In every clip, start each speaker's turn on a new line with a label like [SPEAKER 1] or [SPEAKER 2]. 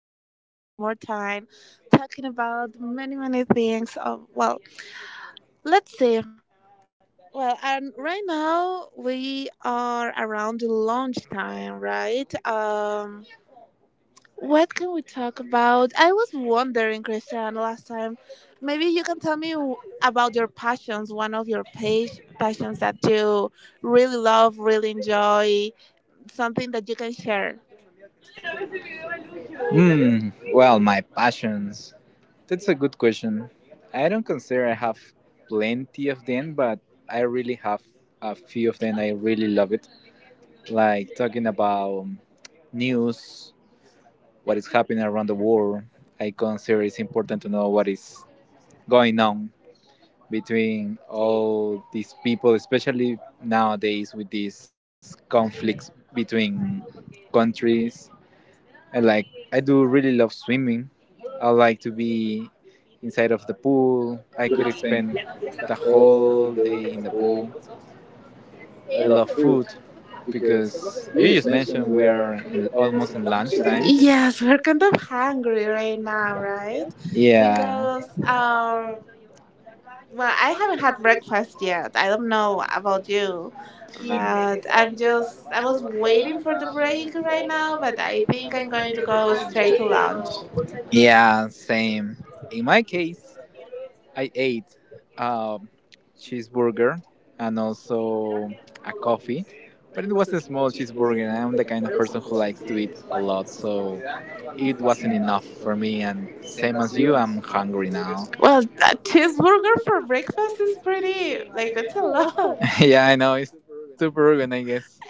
[SPEAKER 1] again, one more time, talking about many, many things. Of, well, let's see. Well, and right now we are around lunchtime, right? What can we talk about? I was wondering, Christian, last time. Maybe you can tell me about your passions, one of your passions that you really love, really enjoy, something that you can share.
[SPEAKER 2] Hmm. Well, my passions. That's a good question. I don't consider I have plenty of them, but I really have a few of them. I really love it. Like talking about news, what is happening around the world. I consider it's important to know what is going on between all these people, especially nowadays with these conflicts between countries. I like I do really love swimming. I like to be inside of the pool. I could spend the whole day in the pool. I love food because you just mentioned we are in, almost in lunchtime.
[SPEAKER 1] Yes, we're kind of hungry right now, right?
[SPEAKER 2] Yeah.
[SPEAKER 1] Because our well, I haven't had breakfast yet. I don't know about
[SPEAKER 2] About you.
[SPEAKER 1] you,
[SPEAKER 2] You know,
[SPEAKER 1] but
[SPEAKER 2] I'm just,
[SPEAKER 1] I
[SPEAKER 2] I
[SPEAKER 1] was
[SPEAKER 2] was
[SPEAKER 1] waiting
[SPEAKER 2] waiting
[SPEAKER 1] for
[SPEAKER 2] for
[SPEAKER 1] the
[SPEAKER 2] the break
[SPEAKER 1] break right
[SPEAKER 2] right
[SPEAKER 1] now,
[SPEAKER 2] now,
[SPEAKER 1] but
[SPEAKER 2] but
[SPEAKER 1] I
[SPEAKER 2] I
[SPEAKER 1] think
[SPEAKER 2] think
[SPEAKER 1] I'm
[SPEAKER 2] I'm
[SPEAKER 1] going
[SPEAKER 2] going
[SPEAKER 1] to
[SPEAKER 2] to
[SPEAKER 1] go
[SPEAKER 2] go
[SPEAKER 1] straight to
[SPEAKER 2] straight to
[SPEAKER 1] lunch.
[SPEAKER 2] lunch. Yeah, same. In my case, I ate um, cheeseburger and also a coffee, but it was a
[SPEAKER 1] It
[SPEAKER 2] small cheeseburger. And I'm the kind of person who likes to eat a lot, so it wasn't enough for me. And same as you, I'm hungry now.
[SPEAKER 1] Well, a cheeseburger for
[SPEAKER 2] How's
[SPEAKER 1] breakfast is
[SPEAKER 2] this is
[SPEAKER 1] pretty,
[SPEAKER 2] pretty?
[SPEAKER 1] like,
[SPEAKER 2] Like,
[SPEAKER 1] it's a
[SPEAKER 2] that's a lot.
[SPEAKER 1] lot.
[SPEAKER 2] Yeah, I know it's too Peruvian, I guess.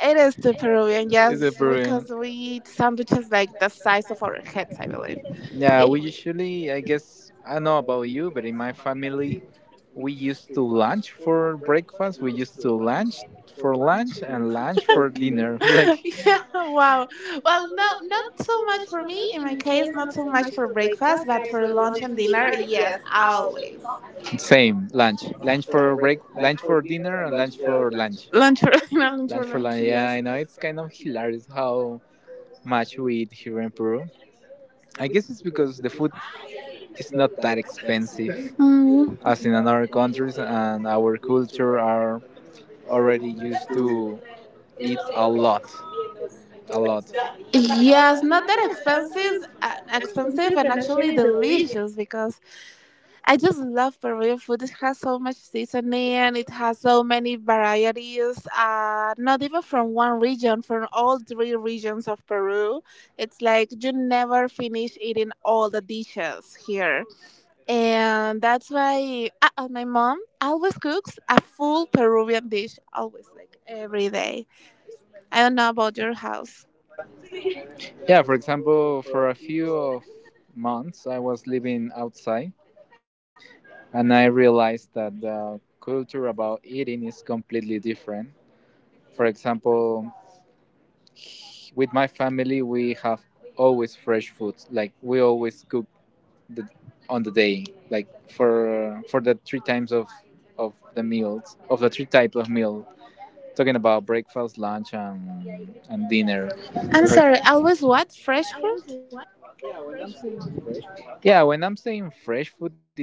[SPEAKER 1] It
[SPEAKER 2] It
[SPEAKER 1] is
[SPEAKER 2] is
[SPEAKER 1] the
[SPEAKER 2] the food, it's
[SPEAKER 1] Peruvian,
[SPEAKER 2] the yeah,
[SPEAKER 1] yes,
[SPEAKER 2] brewing.
[SPEAKER 1] because
[SPEAKER 2] Because
[SPEAKER 1] we
[SPEAKER 2] we eat
[SPEAKER 1] eat sandwiches
[SPEAKER 2] sandwiches
[SPEAKER 1] like
[SPEAKER 2] like
[SPEAKER 1] the
[SPEAKER 2] the
[SPEAKER 1] size
[SPEAKER 2] size
[SPEAKER 1] of
[SPEAKER 2] of
[SPEAKER 1] our
[SPEAKER 2] our
[SPEAKER 1] heads, I believe.
[SPEAKER 2] kids. Yeah,
[SPEAKER 1] If
[SPEAKER 2] we
[SPEAKER 1] we.
[SPEAKER 2] usually, I guess, I don't know about you, but in my family, we used to lunch for breakfast, we used to lunch for lunch, and lunch for dinner. Like,
[SPEAKER 1] Yeah, wow. Well,
[SPEAKER 2] well,
[SPEAKER 1] no,
[SPEAKER 2] no,
[SPEAKER 1] not
[SPEAKER 2] not
[SPEAKER 1] so
[SPEAKER 2] so
[SPEAKER 1] much
[SPEAKER 2] much
[SPEAKER 1] for
[SPEAKER 2] for
[SPEAKER 1] me.
[SPEAKER 2] me.
[SPEAKER 1] In my
[SPEAKER 2] In
[SPEAKER 1] case,
[SPEAKER 2] case,
[SPEAKER 1] not
[SPEAKER 2] not
[SPEAKER 1] so
[SPEAKER 2] so
[SPEAKER 1] much
[SPEAKER 2] much
[SPEAKER 1] for
[SPEAKER 2] for
[SPEAKER 1] breakfast,
[SPEAKER 2] breakfast,
[SPEAKER 1] but
[SPEAKER 2] but
[SPEAKER 1] for
[SPEAKER 2] for
[SPEAKER 1] lunch
[SPEAKER 2] lunch
[SPEAKER 1] and
[SPEAKER 2] and
[SPEAKER 1] dinner,
[SPEAKER 2] dinner,
[SPEAKER 1] yes,
[SPEAKER 2] yes, always.
[SPEAKER 1] always.
[SPEAKER 2] Same lunch. Lunch for break, lunch for dinner, and lunch for lunch.
[SPEAKER 1] Lunch for no, lunch for
[SPEAKER 2] Lunch for
[SPEAKER 1] lunch.
[SPEAKER 2] lunch. Yeah,
[SPEAKER 1] Yes.
[SPEAKER 2] I know it's kind of hilarious how much we eat here in Peru. I guess it's because the food is not that expensive
[SPEAKER 1] Mm.
[SPEAKER 2] as in other countries, and our culture are already used to eat a lot, a lot.
[SPEAKER 1] Yes, not
[SPEAKER 2] Not
[SPEAKER 1] that
[SPEAKER 2] that
[SPEAKER 1] expensive,
[SPEAKER 2] expensive,
[SPEAKER 1] expensive
[SPEAKER 2] expensive
[SPEAKER 1] and
[SPEAKER 2] and
[SPEAKER 1] actually
[SPEAKER 2] actually delicious.
[SPEAKER 1] delicious because I just love Peruvian food. It has so much seasoning, it has so many varieties, not even from one region, from all three regions of Peru. It's like you never finish eating all the dishes here. And that's why my mom always cooks a full Peruvian dish, always, like every day. I don't know about your house.
[SPEAKER 2] Yeah, for example, for a few of months I was living outside and I realized that the culture about eating is completely different. For example, with my family we have always fresh food like we always cook the, on the day like for the three times of the meals of the three types of meal talking about breakfast, lunch and dinner.
[SPEAKER 1] I'm sorry,
[SPEAKER 2] Bre-
[SPEAKER 1] always
[SPEAKER 2] sorry,
[SPEAKER 1] what? Fresh
[SPEAKER 2] I
[SPEAKER 1] food?
[SPEAKER 2] what? Fresh food? Yeah, when I'm saying fresh food is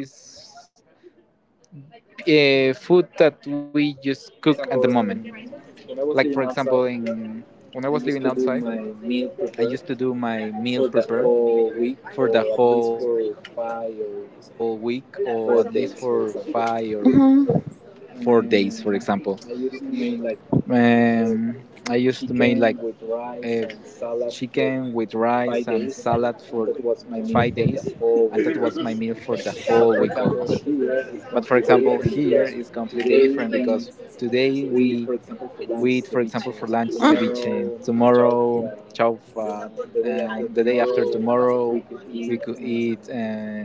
[SPEAKER 2] food that we just cook at the moment, like for example in when I was living outside I used to do my meal prepare for the whole week or at least for 5 or 4 days, for
[SPEAKER 1] Mm-hmm.
[SPEAKER 2] example. um, I used to make like a chicken with rice and salad for 5 days, and that was my meal for the whole week almost. But for example here is completely different because today we eat for example for lunch ceviche, tomorrow chaufa, and the day after tomorrow we could eat um,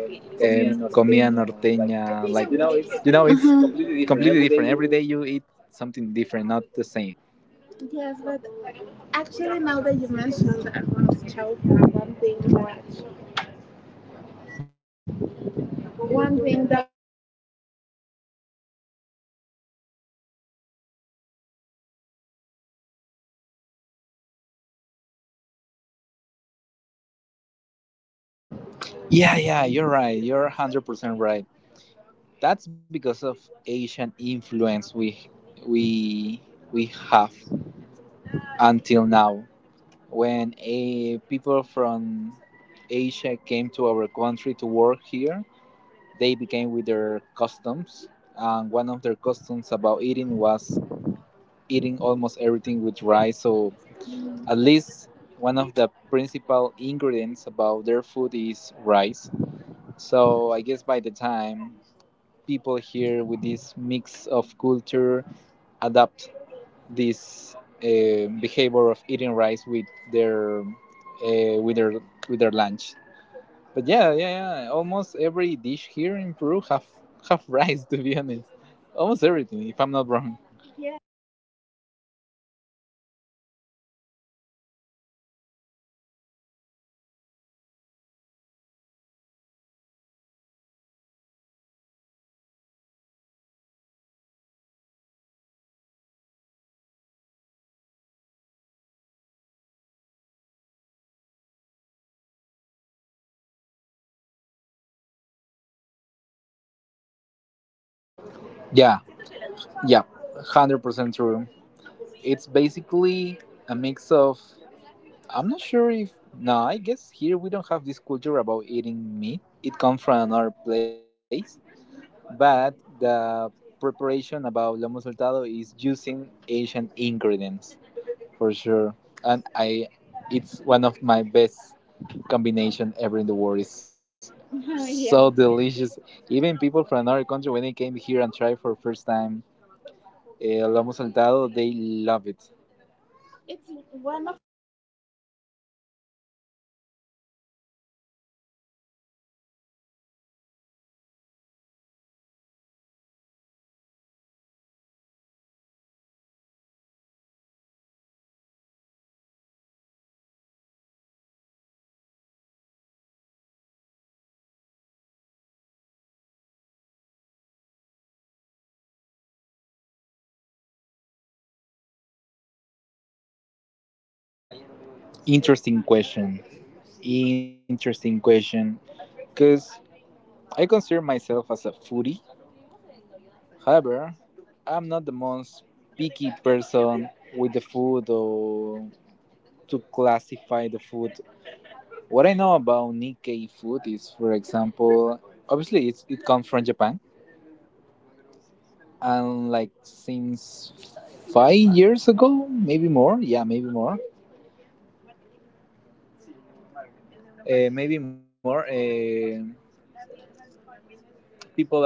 [SPEAKER 2] um, comida norteña. Like, you know, it's
[SPEAKER 1] Mm-hmm.
[SPEAKER 2] completely different. Every day you eat something different, not the same. Yes, but actually, now that you mentioned that I want to tell you one thing that yeah, yeah, you're right. You're 100% right. That's because of Asian influence we we have until now. When a people from Asia came to our country to work here, they began with their customs, and one of their customs about eating was eating almost everything with rice. So at least one of the principal ingredients about their food is rice. So I guess by the time people here with this mix of culture adapt this behavior of eating rice with their with their with their lunch. But yeah, yeah, yeah. Almost every dish here in Peru have rice. To be honest, almost everything. If I'm not wrong. Yeah, yeah, 100% true. It's basically a mix of. I'm not sure if no. I guess here we don't have this culture about eating meat. It comes from another place, but the preparation about lomo saltado is using Asian ingredients for sure, and I. It's one of my best combination ever in the world. Is yeah. So delicious. Even people from another country, when they came here and tried for first time eh, lomo saltado, they love it. It's one of interesting question. Interesting question. Because I consider myself as a foodie. However, I'm not the most picky person with the food or to classify the food. What I know about Nikkei food is, for example, obviously it's, it comes from Japan and like since 5 years ago, maybe more. Yeah, maybe more. Maybe more. People are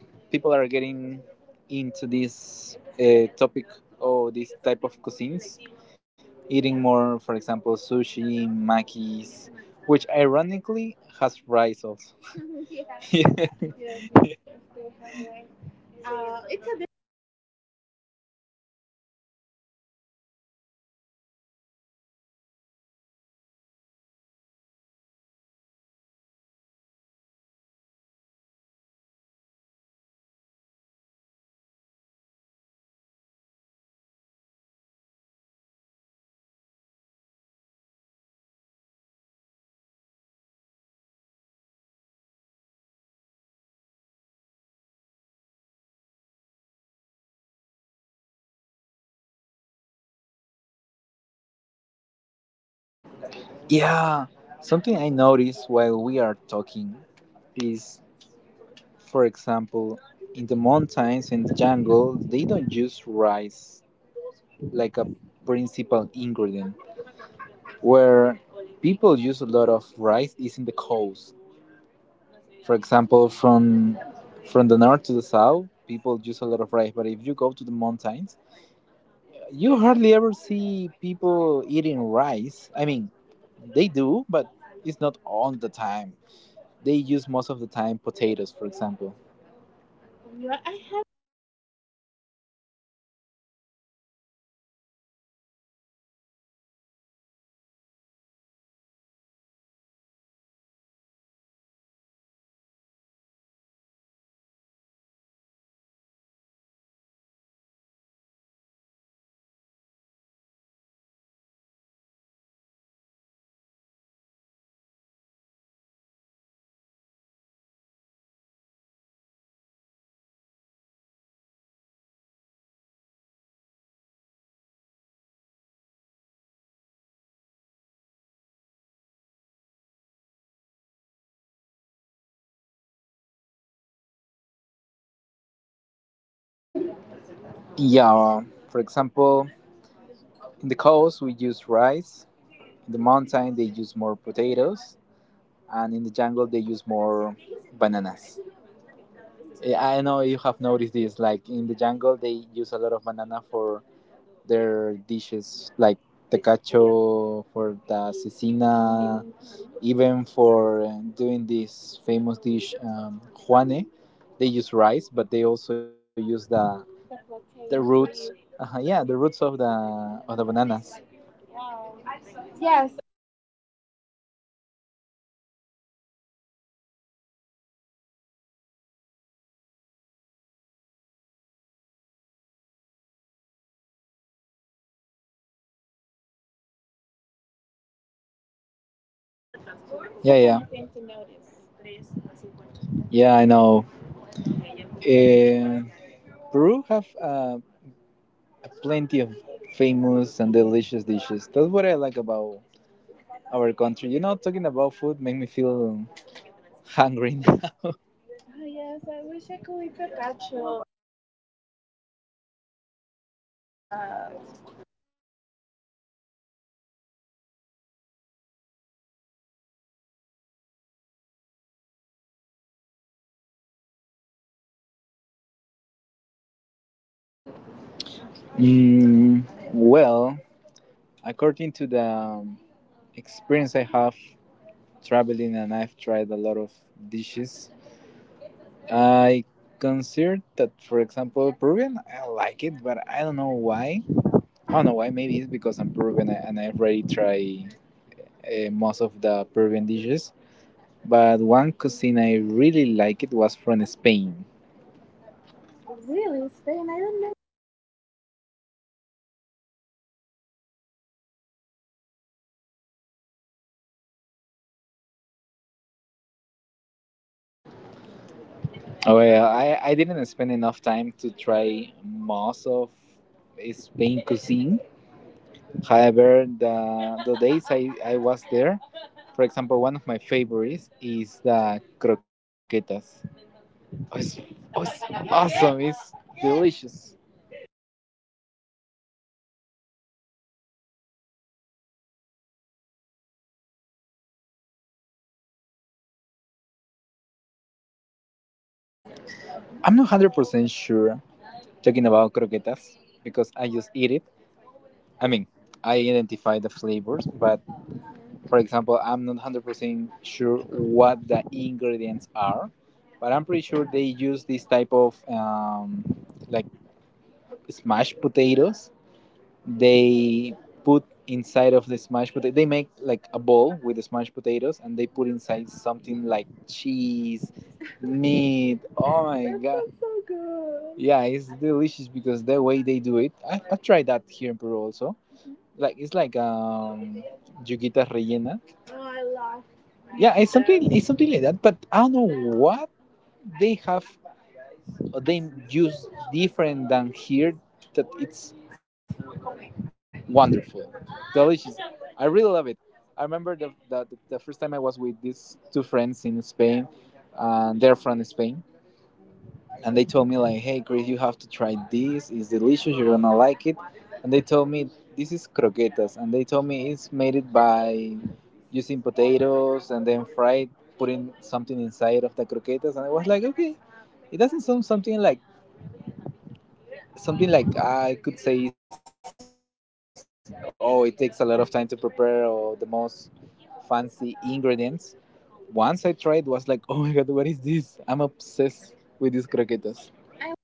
[SPEAKER 2] people are getting into this topic or this type of cuisines, eating more. For example, sushi, makis, which ironically has rice also. yeah, yeah. It's a bit- yeah. Something I noticed while we are talking is for example, in the mountains and the jungle, they don't use rice like a principal ingredient. Where people use a lot of rice is in the coast. For example, from the north to the south, people use a lot of rice. But if you go to the mountains, you hardly ever see people eating rice. I mean, they do, but it's not all the time. They use most of the time potatoes, for example. Yeah, for example, in the coast, we use rice. In the mountain, they use more potatoes, and in the jungle, they use more bananas. Yeah, I know you have noticed this. Like in the jungle, they use a lot of banana for their dishes, like tacacho, for the cecina, even for doing this famous dish juane. They use rice but they also use the roots yeah the roots of the bananas. Yes. Yeah yeah yeah I know uh, Peru have plenty of famous and delicious dishes. That's what I like about our country. You know, talking about food made me feel hungry. Ah, yes, I wish I could eat carpaccio. Uh, Mm, well, according to the experience I have traveling and I've tried a lot of dishes, I consider that, for example, Peruvian, I like it, but I don't know why. I don't know why. Maybe it's because I'm Peruvian and I already tried most of the Peruvian dishes. But one cuisine I really like it was from Spain. Really, Spain? I don't oh yeah, I didn't spend enough time to try most of Spain cuisine. However, the days I was there, for example, one of my favorites is the croquetas. Oh, it's, oh, it's awesome! It's delicious. I'm not 100% sure talking about croquetas because I just eat it. I mean, I identify the flavors, but for example, I'm not 100% sure what the ingredients are, but I'm pretty sure they use this type of like smashed potatoes. They put inside of the smashed potato, they make like a bowl with the smashed potatoes and they put inside something like cheese, meat. Oh my that god. Sounds so good. Yeah, it's delicious because the way they do it. I've tried that here in Peru also like it's like yuquitas rellena. Oh, I love. Yeah, it's something like that. But I don't know what they have. They use different than here. That it's wonderful, delicious. I really love it. I remember the first time I was with these two friends in Spain, and they're from Spain, and they told me like, "Hey, Chris, you have to try this. It's delicious. You're gonna like it." And they told me this is croquetas, and they told me it's made it by using potatoes and then fried, putting something inside of the croquetas. And I was like, "Okay, it doesn't sound something like I could say is oh, it takes a lot of time to prepare or the most fancy ingredients." Once I tried, was like, "Oh my god, what is this? I'm obsessed with these croquetas."